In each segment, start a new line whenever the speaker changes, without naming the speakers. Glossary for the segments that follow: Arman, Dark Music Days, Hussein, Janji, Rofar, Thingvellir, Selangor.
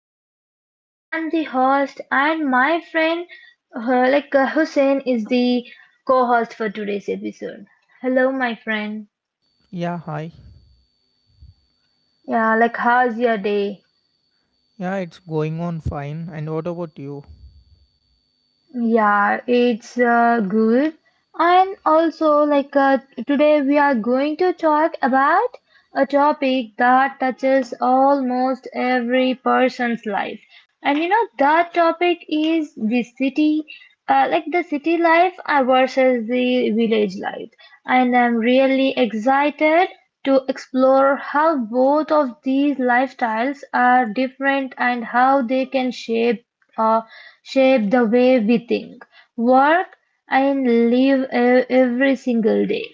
ourselves. I'm the host, and my friend, Hussein, is the co-host for today's episode. Hello, my friend.
Yeah, hi.
Yeah, like how's your day?
Yeah, it's going on fine. And what about you?
Yeah, it's good. And also, today, we are going to talk about a topic that touches almost every person's life. And you know, that topic is the city, the city life versus the village life. And I'm really excited to explore how both of these lifestyles are different and how they can shape uh, shape the way we think, work, and live every single day.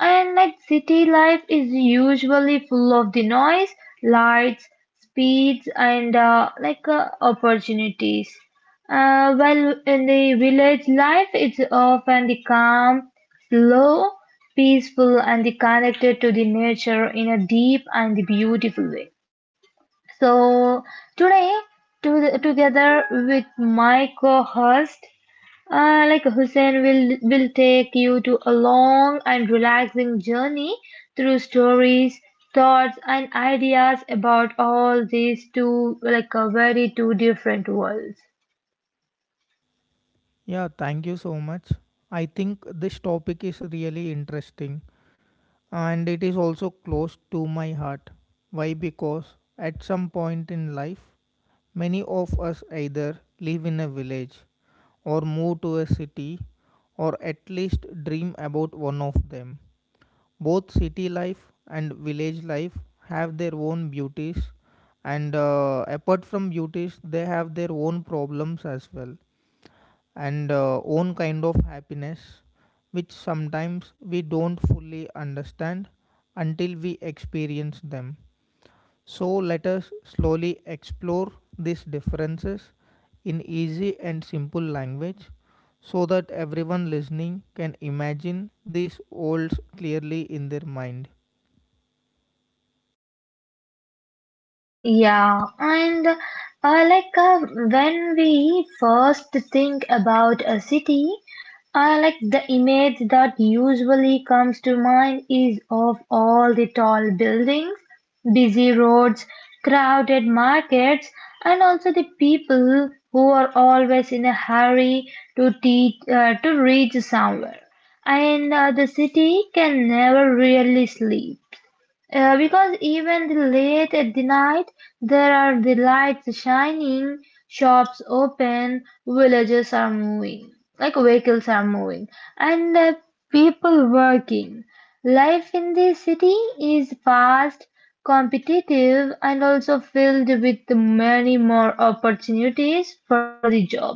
And like city life is usually full of the noise, lights, speeds, and opportunities. While in the village life, it's often the calm, slow, peaceful, and the connected to the nature in a deep and beautiful way. So today, together with my co-host, Hussein will take you to a long and relaxing journey through stories, thoughts, and ideas about all these two like a very two different worlds.
Yeah, thank you so much. I think this topic is really interesting and it is also close to my heart. Why? Because at some point in life, many of us either live in a village or move to a city or at least dream about one of them. Both city life and village life have their own beauties, and apart from beauties, they have their own problems as well, and own kind of happiness, which sometimes we don't fully understand until we experience them. So, let us slowly explore these differences in easy and simple language so that everyone listening can imagine these worlds clearly in their mind.
Yeah, and like uh, when we first think about a city, the image that usually comes to mind is of all the tall buildings, busy roads, crowded markets, and also the people who are always in a hurry to reach somewhere. And the city can never really sleep because even the late at the night, there are the lights shining, shops open, villages are moving, like vehicles are moving, and people working. Life in the city is fast, competitive, and also filled with many more opportunities for the jobs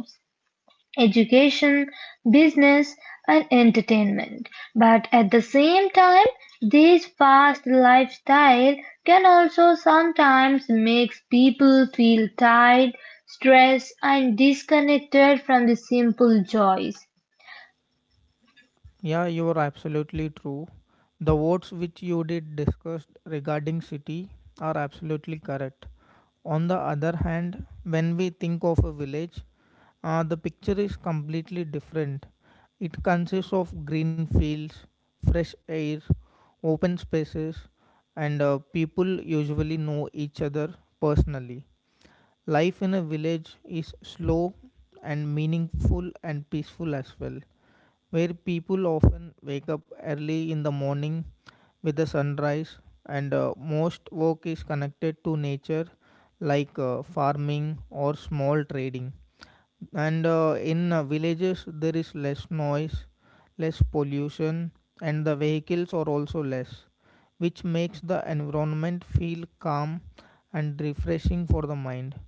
education, business, and entertainment. But at the same time, this fast lifestyle can also sometimes make people feel tired, stressed, and disconnected from the simple joys.
Yeah, you are absolutely true. The votes which you did discussed regarding city are absolutely correct. On the other hand, when we think of a village, the picture is completely different. It consists of green fields, fresh air, open spaces, and people usually know each other personally. Life in a village is slow and meaningful and peaceful as well where people often wake up early in the morning with the sunrise, and most work is connected to nature, like farming or small trading. And in villages, there is less noise, less pollution, and the vehicles are also less, which makes the environment feel calm and refreshing for the mind.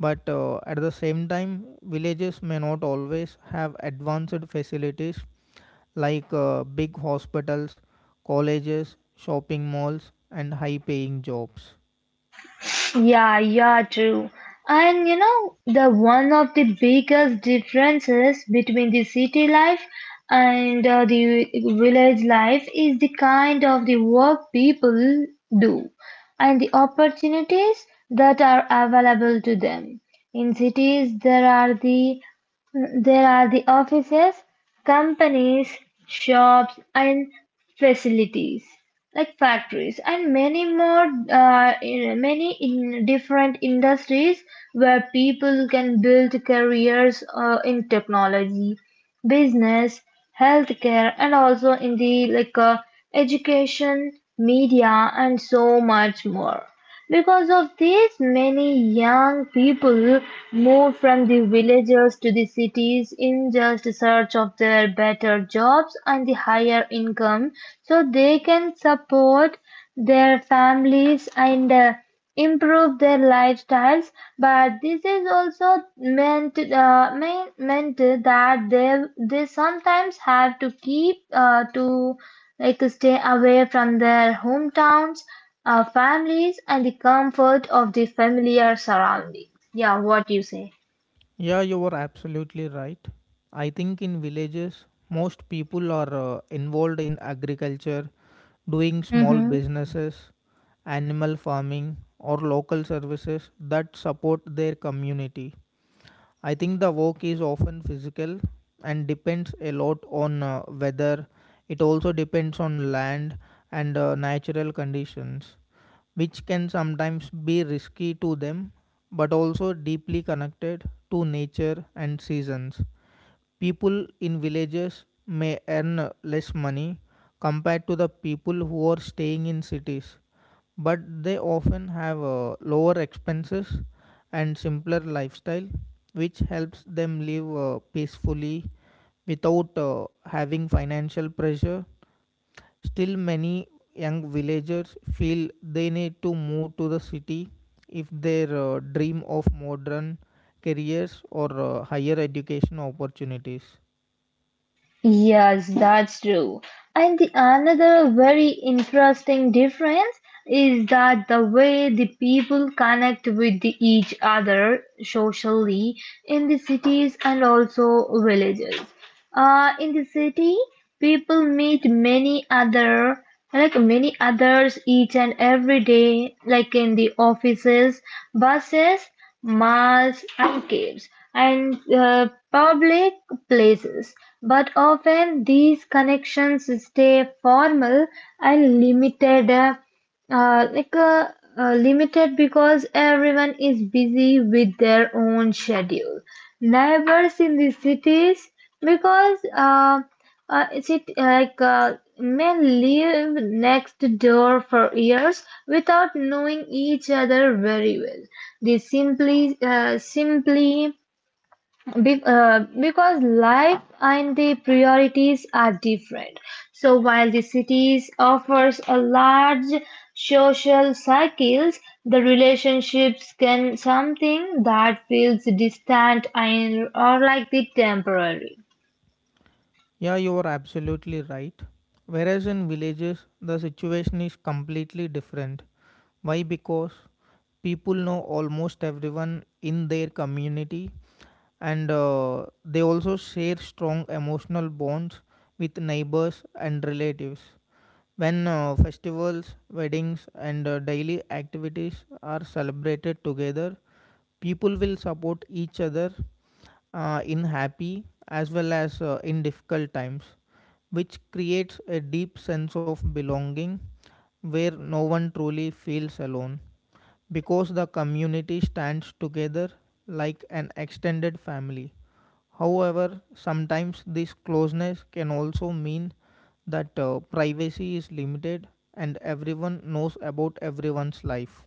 But at the same time, villages may not always have advanced facilities like big hospitals, colleges, shopping malls, and high paying jobs.
Yeah, yeah, true. And you know, the one of the biggest differences between the city life and the village life is the kind of the work people do and the opportunities that are available to them. In cities, there are the offices, companies, shops, and facilities like factories and many more many in different industries where people can build careers in technology business healthcare and also in the education media and so much more because of this, many young people moved from the villages to the cities in just search of their better jobs and the higher income so they can support their families and improve their lifestyles, but this is also meant that they sometimes have to keep to like stay away from their hometowns, families, and the comfort of the familiar surroundings. Yeah, what you say?
Yeah, you were absolutely right. I think in villages, most people are involved in agriculture, doing small
Mm-hmm.
businesses, animal farming, or local services that support their community. I think the work is often physical and depends a lot on weather. It also depends on land and natural conditions, which can sometimes be risky to them but also deeply connected to nature and seasons. People in villages may earn less money compared to the people who are staying in cities, but they often have lower expenses and simpler lifestyle which helps them live peacefully without having financial pressure. Still, many young villagers feel they need to move to the city if they dream of modern careers or higher education opportunities.
Yes, that's true. And the another very interesting difference is that the way the people connect with the, each other socially in the cities and also villages. In the city, people meet many other like many others each and every day, like in the offices, buses, malls, and caves, and public places. But often these connections stay formal and limited. Uh, like uh, Limited because everyone is busy with their own schedule. Diverse in the cities because it's it men live next door for years without knowing each other very well. They simply because life and the priorities are different. So while the cities offers a large social circles, the relationships can something that feels distant and or like the temporary.
Yeah, you are absolutely right. Whereas in villages, the situation is completely different. Why? Because people know almost everyone in their community and they also share strong emotional bonds with neighbors and relatives. When festivals, weddings, and daily activities are celebrated together, people will support each other in happy as well as in difficult times, which creates a deep sense of belonging where no one truly feels alone because the community stands together like an extended family. However, sometimes this closeness can also mean that privacy is limited and everyone knows about everyone's life.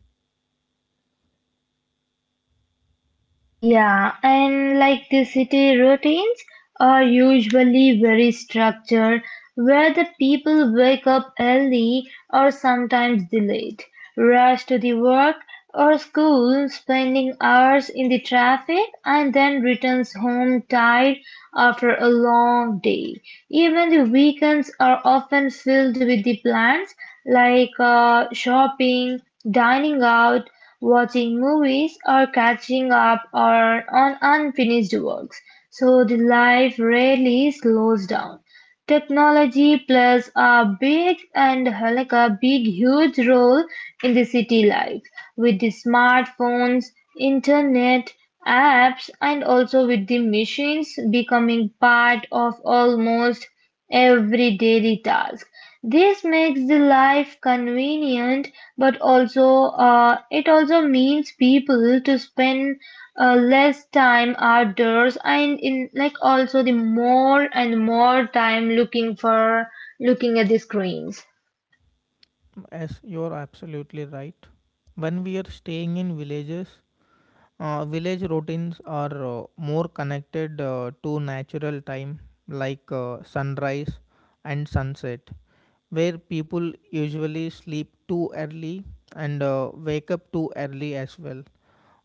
Yeah, and like the city routines are usually very structured, where the people wake up early or sometimes delayed, rush to the work or school, spending hours in the traffic, and then returns home tired after a long day. Even the weekends are often filled with the plans like shopping, dining out, watching movies, or catching up or on unfinished works. So the life rarely slows down. Technology plays a big and a big huge role in the city life with the smartphones, internet, apps and also with the machines becoming part of almost every daily task. This makes the life convenient, but also it also means people to spend less time outdoors and in like also the more and more time looking at the screens.
As you're absolutely right. When we are staying in villages, village routines are more connected to natural time like sunrise and sunset, where people usually sleep too early and wake up too early as well.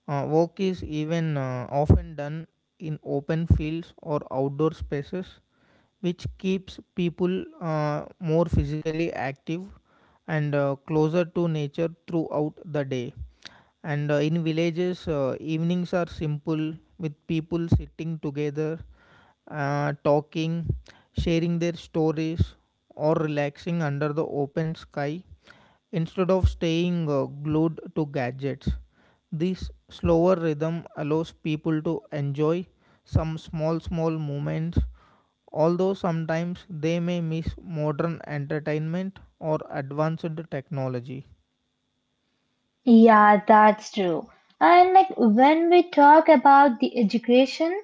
Work is even often done in open fields or outdoor spaces which keeps people more physically active and closer to nature throughout the day. And in villages, evenings are simple with people sitting together, talking, sharing their stories, or relaxing under the open sky instead of staying glued to gadgets. This slower rhythm allows people to enjoy some small, small moments although sometimes they may miss modern entertainment or advanced technology.
Yeah, that's true. And like when we talk about the education,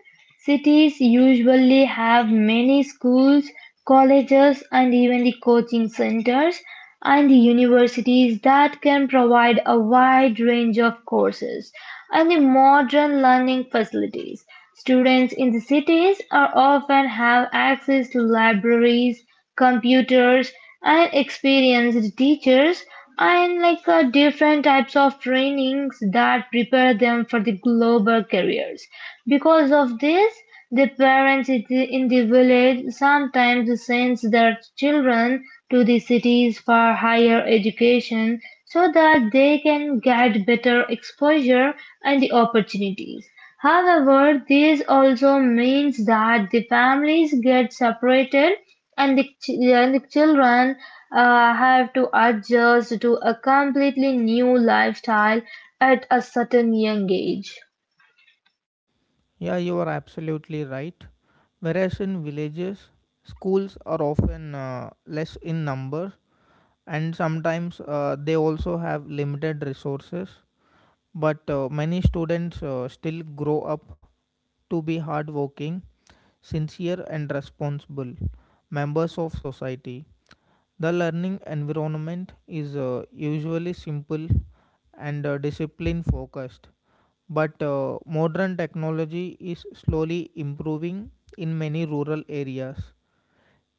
cities usually have many schools, colleges, and even the coaching centers and the universities that can provide a wide range of courses and the modern learning facilities. Students in the cities are often have access to libraries, computers and experienced teachers and different types of trainings that prepare them for the global careers because of this the parents in the village sometimes sends their children to the cities for higher education so that they can get better exposure and the opportunities. However, this also means that the families get separated and the, ch- and the children have to adjust to a completely new lifestyle at a certain young age.
Yeah, you are absolutely right. Whereas in villages, schools are often less in number and sometimes they also have limited resources. But many students still grow up to be hardworking, sincere, and responsible members of society. The learning environment is usually simple and discipline focused. But modern technology is slowly improving in many rural areas.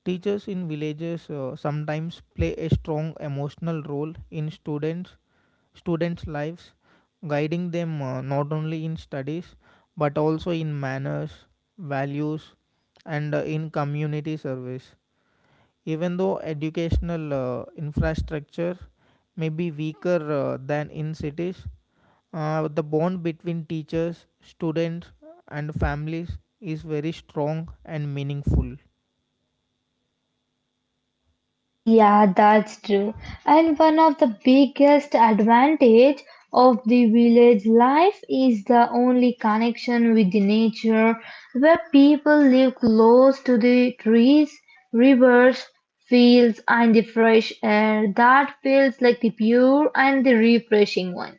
Teachers in villages sometimes play a strong emotional role in students' lives, guiding them not only in studies but also in manners, values, and in community service. Even though educational infrastructure may be weaker than in cities, the bond between teachers, students, and families is very strong and meaningful.
Yeah, that's true. And one of the biggest advantage of the village life is the only connection with the nature where people live close to the trees, rivers, fields and the fresh air that feels like the pure and the refreshing one.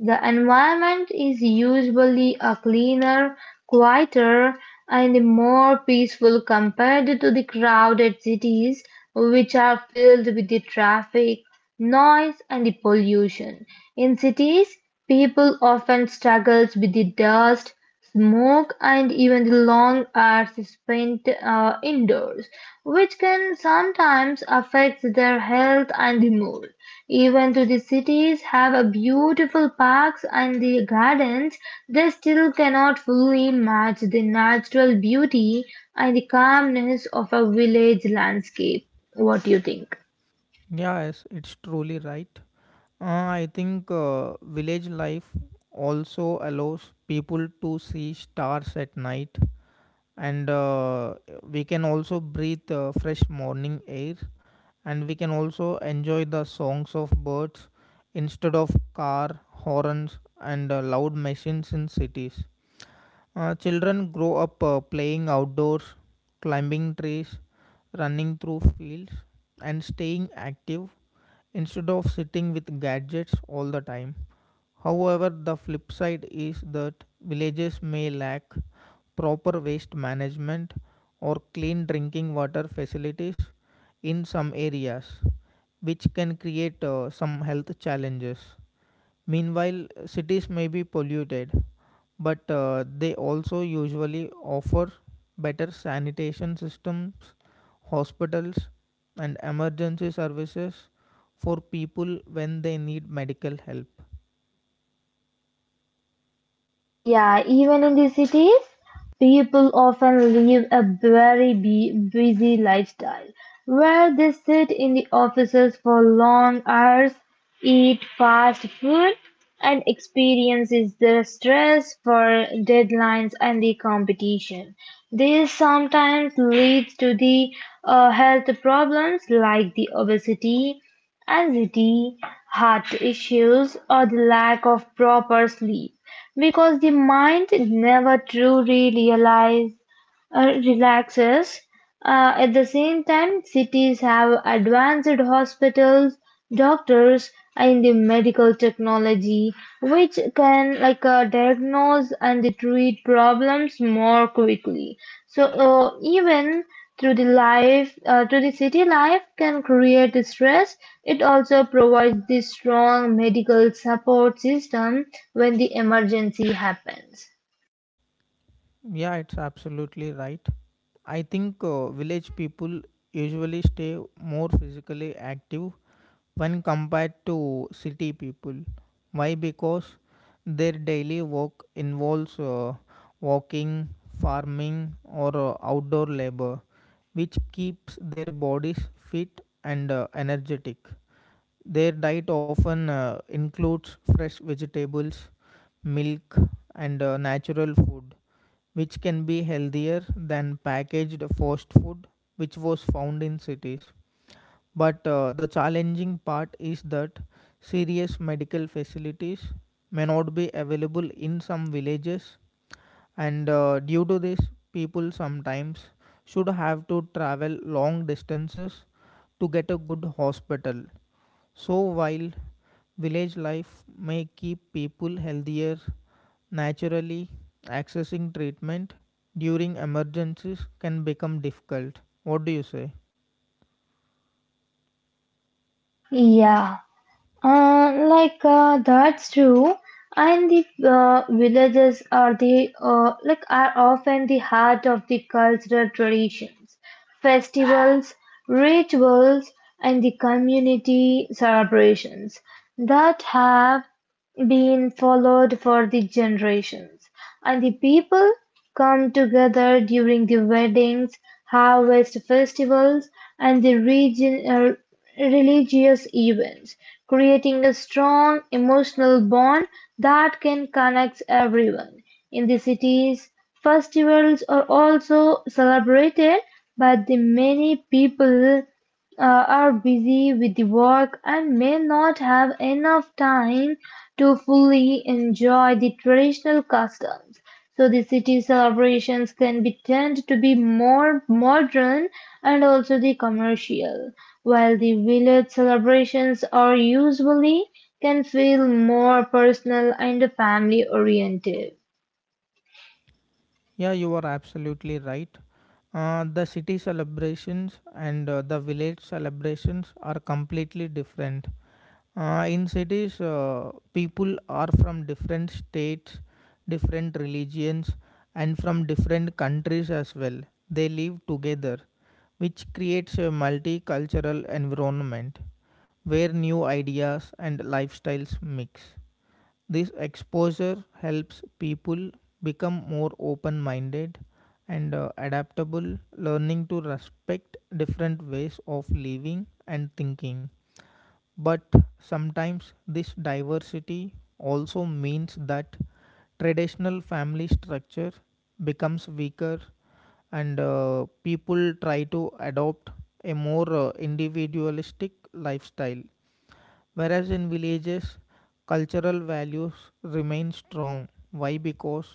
The environment is usually a cleaner, quieter, and more peaceful compared to the crowded cities, which are filled with the traffic, noise, and the pollution. In cities, people often struggle with the dust, smoke and even the long hours spent indoors, which can sometimes affect their health and the mood. Even though the cities have a beautiful parks and the gardens, they still cannot fully match the natural beauty and the calmness of a village landscape. What do you think?
Yes, it's truly right. Uh, I think village life also allows people to see stars at night, and we can also breathe fresh morning air, and we can also enjoy the songs of birds instead of car horns and loud machines in cities. Children grow up playing outdoors, climbing trees, running through fields, and staying active instead of sitting with gadgets all the time. However, the flip side is that villages may lack proper waste management or clean drinking water facilities in some areas, which can create some health challenges. Meanwhile, cities may be polluted, but they also usually offer better sanitation systems, hospitals, and emergency services for people when they need medical help.
Yeah, even in the cities, people often live a very busy lifestyle where they sit in the offices for long hours, eat fast food, and experiences the stress for deadlines and the competition. This sometimes leads to the health problems like the obesity, anxiety, heart issues, or the lack of proper sleep. Because the mind never truly realizes relaxes. At the same time, cities have advanced hospitals, doctors, and the medical technology, which can diagnose and treat problems more quickly. So even through the city life can create stress. It also provides the strong medical support system when the emergency happens.
Yeah, it's absolutely right. I think village people usually stay more physically active when compared to city people. Why? Because their daily work involves walking, farming, or outdoor labor, which keeps their bodies fit and energetic. Their diet often includes fresh vegetables, milk, and natural food, which can be healthier than packaged fast food, which was found in cities. But the challenging part is that serious medical facilities may not be available in some villages, and due to this, people sometimes should have to travel long distances to get a good hospital. So, while village life may keep people healthier naturally, accessing treatment during emergencies can become difficult. What do you say?
Yeah. That's true, and the villages are the are often the heart of the cultural traditions, festivals, rituals, and the community celebrations that have been followed for the generations, and the people come together during the weddings, harvest festivals, and religious events, creating a strong emotional bond that can connect everyone. In the cities, festivals are also celebrated by the many people uh, are busy with the work and may not have enough time to fully enjoy the traditional customs. So the city celebrations can be tend to be more modern and also the commercial, while the village celebrations are usually can feel more personal and family oriented.
Yeah, you are absolutely right. The city celebrations and the village celebrations are completely different. In cities, people are from different states, different religions, and from different countries as well. They live together, which creates a multicultural environment where new ideas and lifestyles mix. This exposure helps people become more open minded and adaptable, learning to respect different ways of living and thinking. But sometimes this diversity also means that traditional family structure becomes weaker and people try to adopt a more individualistic lifestyle. Whereas in villages, cultural values remain strong. Why? Because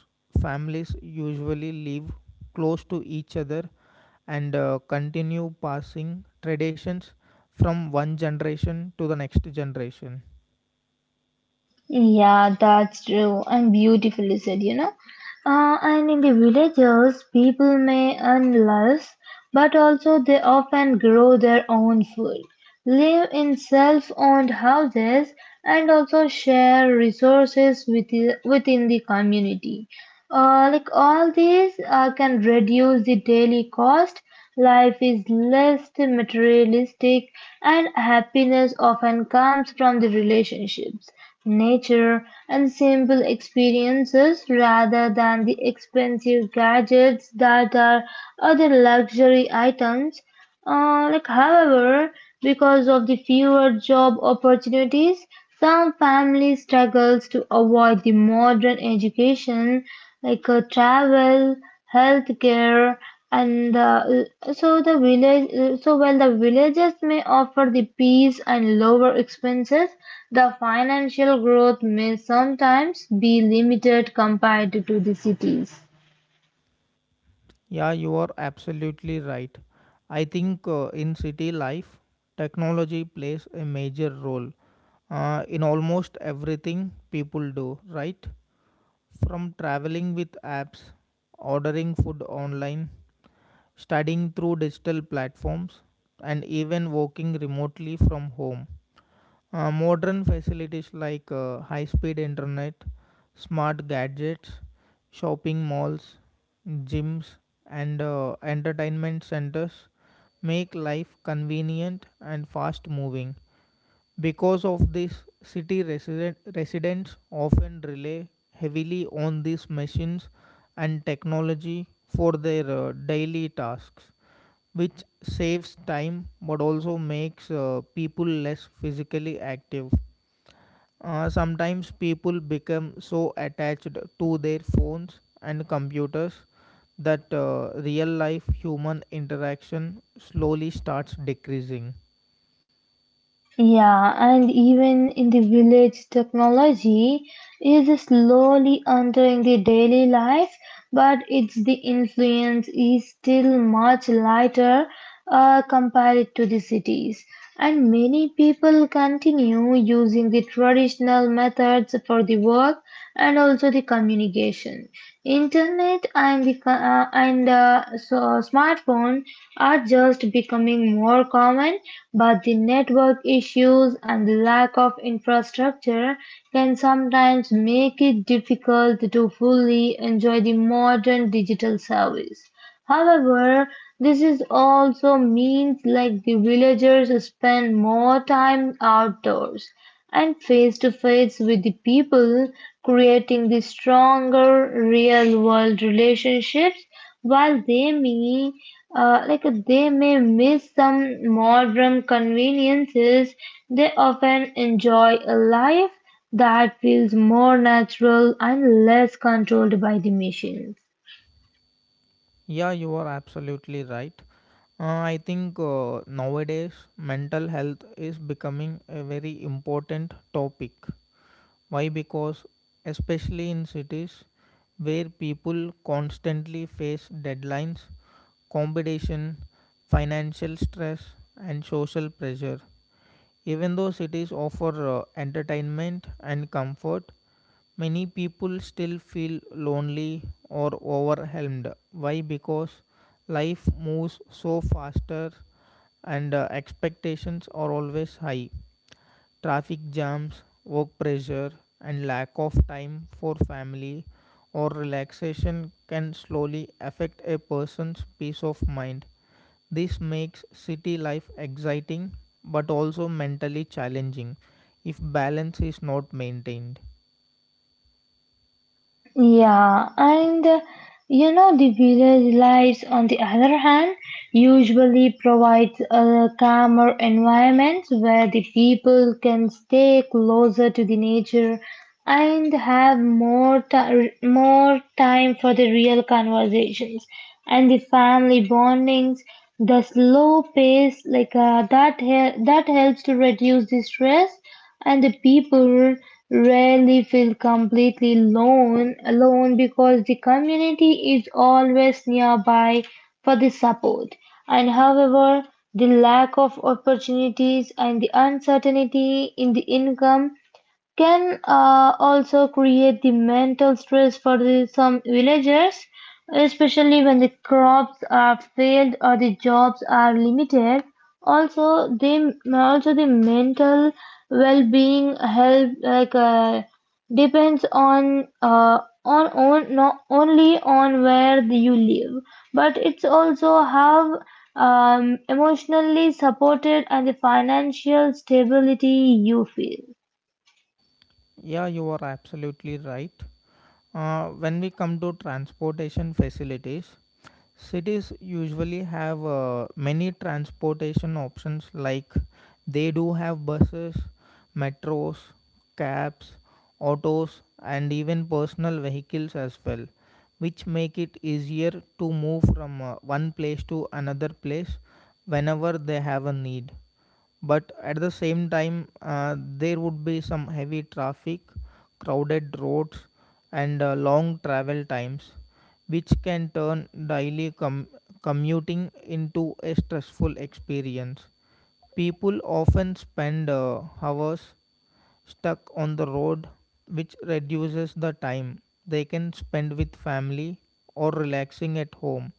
families usually live close to each other and continue passing traditions from one generation to the next generation.
Yeah, that's true and beautifully said, you know. And in the villages, people may earn less, but also they often grow their own food, live in self owned houses, and also share resources with the, within the community. All these can reduce the daily cost. Life is less materialistic, and happiness often comes from the relationships, nature, and simple experiences rather than the expensive gadgets that are other luxury items. However, because of the fewer job opportunities, some families struggles to avoid the modern education, like travel, healthcare, and so the village. So while the villages may offer the peace and lower expenses, the financial growth may sometimes be limited compared to the cities.
Yeah, you are absolutely right. I think in city life, technology plays a major role in almost everything people do, right? From traveling with apps, ordering food online, studying through digital platforms, and even working remotely from home. Modern facilities like high speed internet, smart gadgets, shopping malls, gyms, and entertainment centers make life convenient and fast moving. Because of this, residents often rely heavily on these machines and technology for their daily tasks which saves time but also makes people less physically active. Sometimes people become so attached to their phones and computers that real life human interaction slowly starts decreasing.
Yeah, and even in the village, technology is slowly entering the daily life, but its the influence is still much lighter compared to the cities. And many people continue using the traditional methods for the work and also the communication. Internet and the become and the so smartphone are just becoming more common, but the network issues and the lack of infrastructure can sometimes make it difficult to fully enjoy the modern digital service. However, this is also means like the villagers spend more time outdoors and face-to-face with the people, creating the stronger real-world relationships. While they may miss some modern conveniences, they often enjoy a life that feels more natural and less controlled by the machines.
Yeah, you are absolutely right. Uh, I think nowadays mental health is becoming a very important topic. Why? Because, especially in cities where people constantly face deadlines, competition, financial stress, and social pressure, even though cities offer entertainment and comfort, many people still feel lonely or overwhelmed. Why? Because life moves so faster and expectations are always high. Traffic jams, work pressure, and lack of time for family or relaxation can slowly affect a person's peace of mind. This makes city life exciting but also mentally challenging if balance is not maintained.
Yeah, and you know the village lights on the other hand usually provides a calmer environment where the people can stay closer to the nature and have more time for the real conversations and the family bondings. The slow pace, that helps to reduce the stress and the people rarely feel completely alone because the community is always nearby for the support. And however, the lack of opportunities and the uncertainty in the income can also create the mental stress for some villagers, especially when the crops are failed or the jobs are limited. Also, they also the mental well-being help depends on not only on where you live, but it's also how emotionally supported and the financial stability you feel.
Yeah, you are absolutely right. When we come to transportation facilities, cities usually have many transportation options, like they do have buses, metros, cabs, autos, and even personal vehicles as well, which make it easier to move from one place to another place whenever they have a need, but at the same time there would be some heavy traffic, crowded roads, and long travel times which can turn commuting into a stressful experience. People often spend hours stuck on the road which reduces the time they can spend with family or relaxing at home.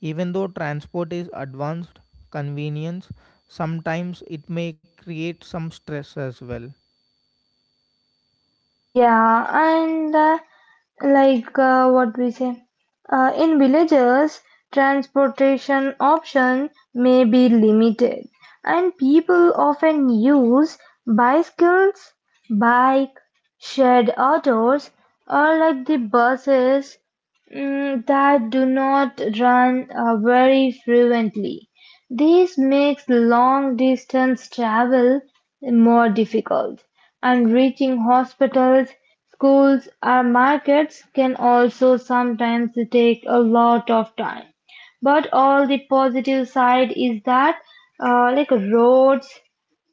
Even though transport is advanced, convenience, sometimes it may create some stress as well.
Yeah, and what we say, in villages, transportation option may be limited, and people often use bicycles, bike, shared autos, or like the buses, mm, that do not run very frequently. This makes long-distance travel more difficult, and reaching hospitals, schools, or markets can also sometimes take a lot of time. But all the positive side is that, like roads,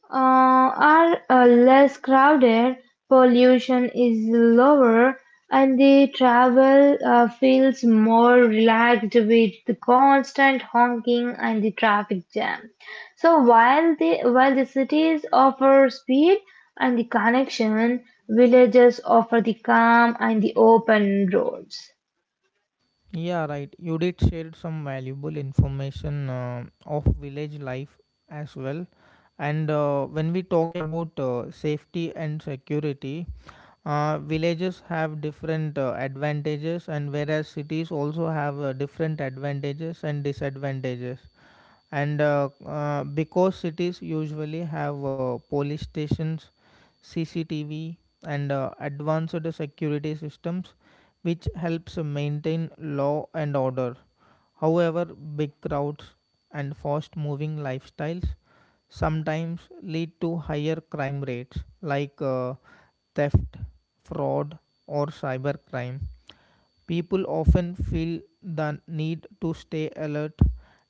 are less crowded, pollution is lower, and the travel feels more relaxed with the constant honking and the traffic jam. So while the cities offer speed and the connection, villages offer the calm and the open roads.
Yeah, right. You did share some valuable information of village life as well. And when we talk about safety and security, villages have different advantages, and whereas cities also have different advantages and disadvantages, and because cities usually have police stations, CCTV, and advanced security systems which helps maintain law and order. However, big crowds and fast moving lifestyles sometimes lead to higher crime rates like theft, fraud, or cybercrime. People often feel the need to stay alert,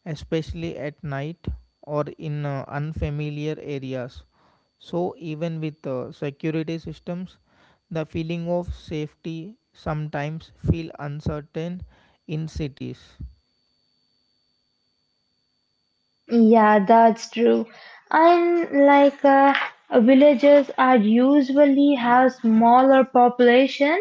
especially at night or in unfamiliar areas. So, even with security systems, the feeling of safety sometimes feel uncertain in cities.
Yeah, that's true. And villages are usually have smaller population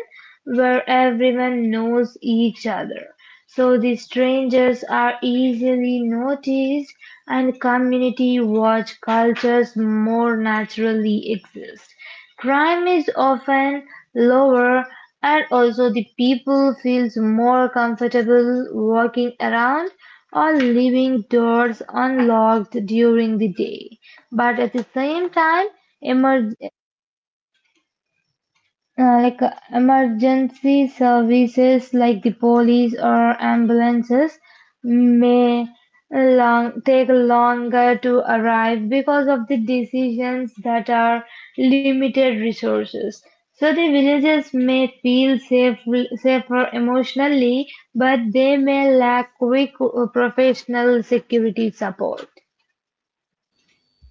where everyone knows each other. So the strangers are easily noticed and community watch cultures more naturally exist. Crime is often lower and also the people feels more comfortable walking around or leaving doors unlocked during the day. But at the same time, emer- emergency services like the police or ambulances may take longer to arrive because of the decisions that are limited resources. So the villagers may feel safer emotionally, but they may lack quick professional security support.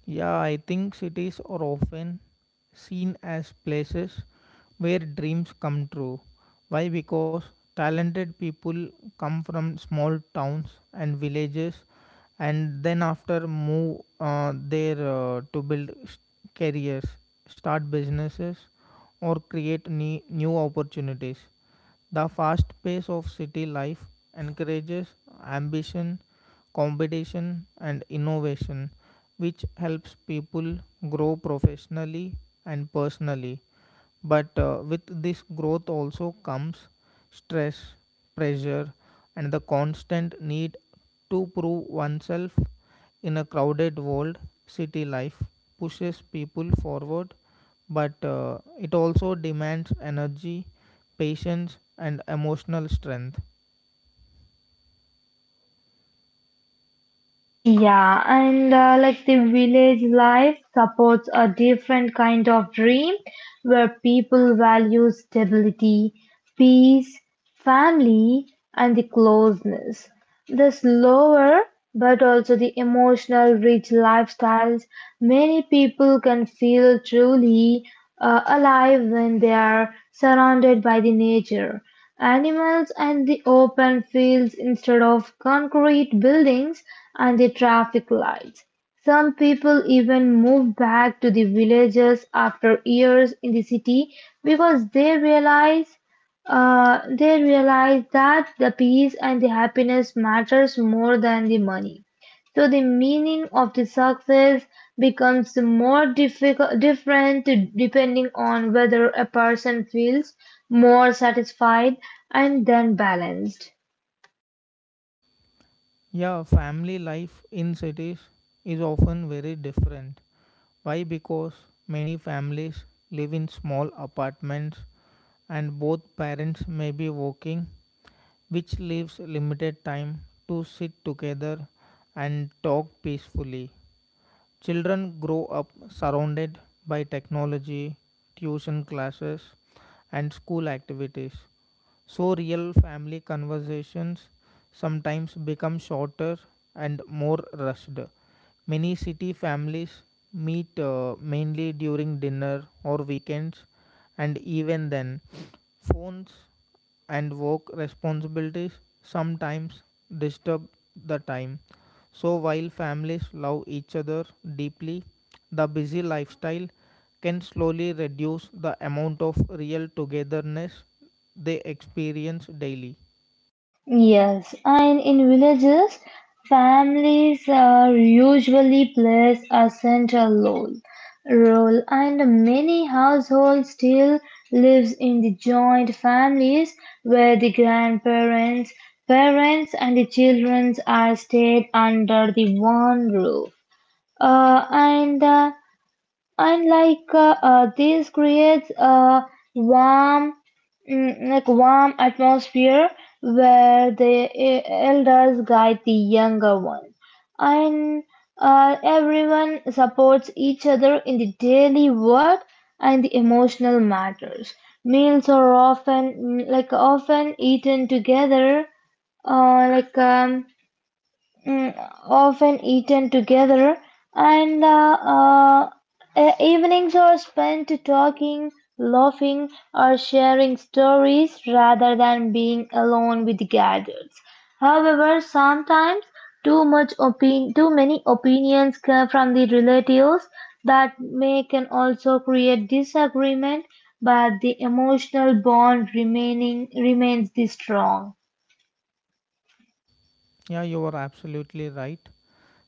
Yeah, I think cities are often seen as places where dreams come true. Why? Because talented people come from small towns and villages and then after move there to build careers, start businesses or create new opportunities. The fast pace of city life encourages ambition, competition and innovation which helps people grow professionally and personally, but with this growth also comes stress, pressure, and the constant need to prove oneself in a crowded world. City life pushes people forward, but it also demands energy, patience, and emotional strength.
Yeah, and like the village life supports a different kind of dream where people value stability, peace, family, and the closeness. The slower but also the emotional rich lifestyles, many people can feel truly alive when they are surrounded by the nature. Animals and the open fields instead of concrete buildings and the traffic lights. Some people even move back to the villages after years in the city because they realize that the peace and the happiness matters more than the money. So the meaning of the success becomes more different depending on whether a person feels more satisfied and then balanced.
Yeah, family life in cities is often very different. Why? Because many families live in small apartments and both parents may be working, which leaves limited time to sit together and talk peacefully. Children grow up surrounded by technology, tuition classes, and school activities. So, real family conversations sometimes become shorter and more rushed. Many city families meet mainly during dinner or weekends, and even then, phones and work responsibilities sometimes disturb the time. So, while families love each other deeply, the busy lifestyle can slowly reduce the amount of real togetherness they experience daily.
Yes, and in villages, families usually plays a central role and many households still lives in the joint families where the grandparents, parents, and the children are stayed under the one roof. Uh, and uh, and like This creates a warm, like warm atmosphere where the elders guide the younger ones and everyone supports each other in the daily work and the emotional matters. Meals are often, like often eaten together like mm, often eaten together, and the uh, evenings are spent talking, laughing, or sharing stories rather than being alone with gadgets. However, sometimes too many opinions come from the relatives that may can also create disagreement, but the emotional bond remaining remains the strong.
Yeah, you are absolutely right.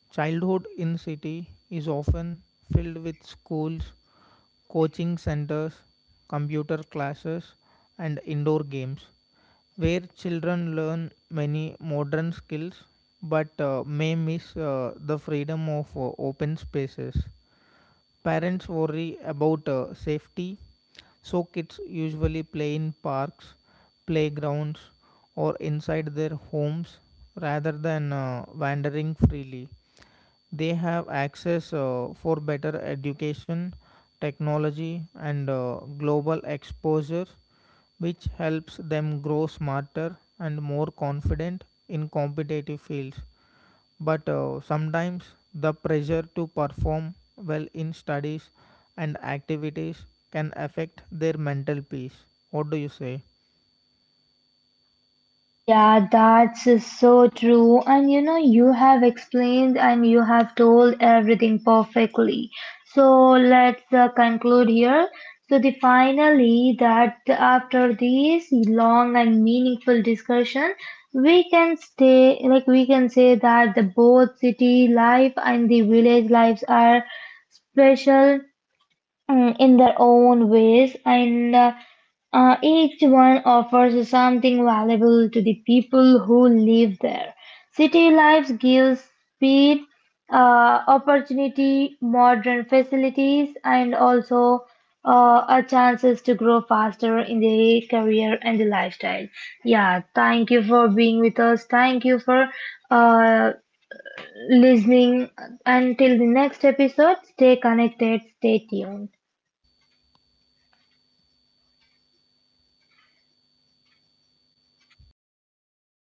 Childhood in city is often filled with schools, coaching centers, computer classes, and indoor games, where children learn many modern skills but may miss the freedom of open spaces. Parents worry about safety, so kids usually play in parks, playgrounds, or inside their homes rather than wandering freely. They have access for better education, technology, and global exposure which helps them grow smarter and more confident in competitive fields. But sometimes the pressure to perform well in studies and activities can affect their mental peace. What do you say?
Yeah, that's so true. And you know, you have explained and you have told everything perfectly. So let's conclude here. So the finally that after this long and meaningful discussion, we can stay like we can say that the both city life and the village lives are special, in their own ways, and each one offers something valuable to the people who live there. City life gives speed, opportunity, modern facilities, and also a chances to grow faster in the career and the lifestyle. Yeah, thank you for being with us. Thank you for uh, listening. Until the next episode, stay connected, stay tuned.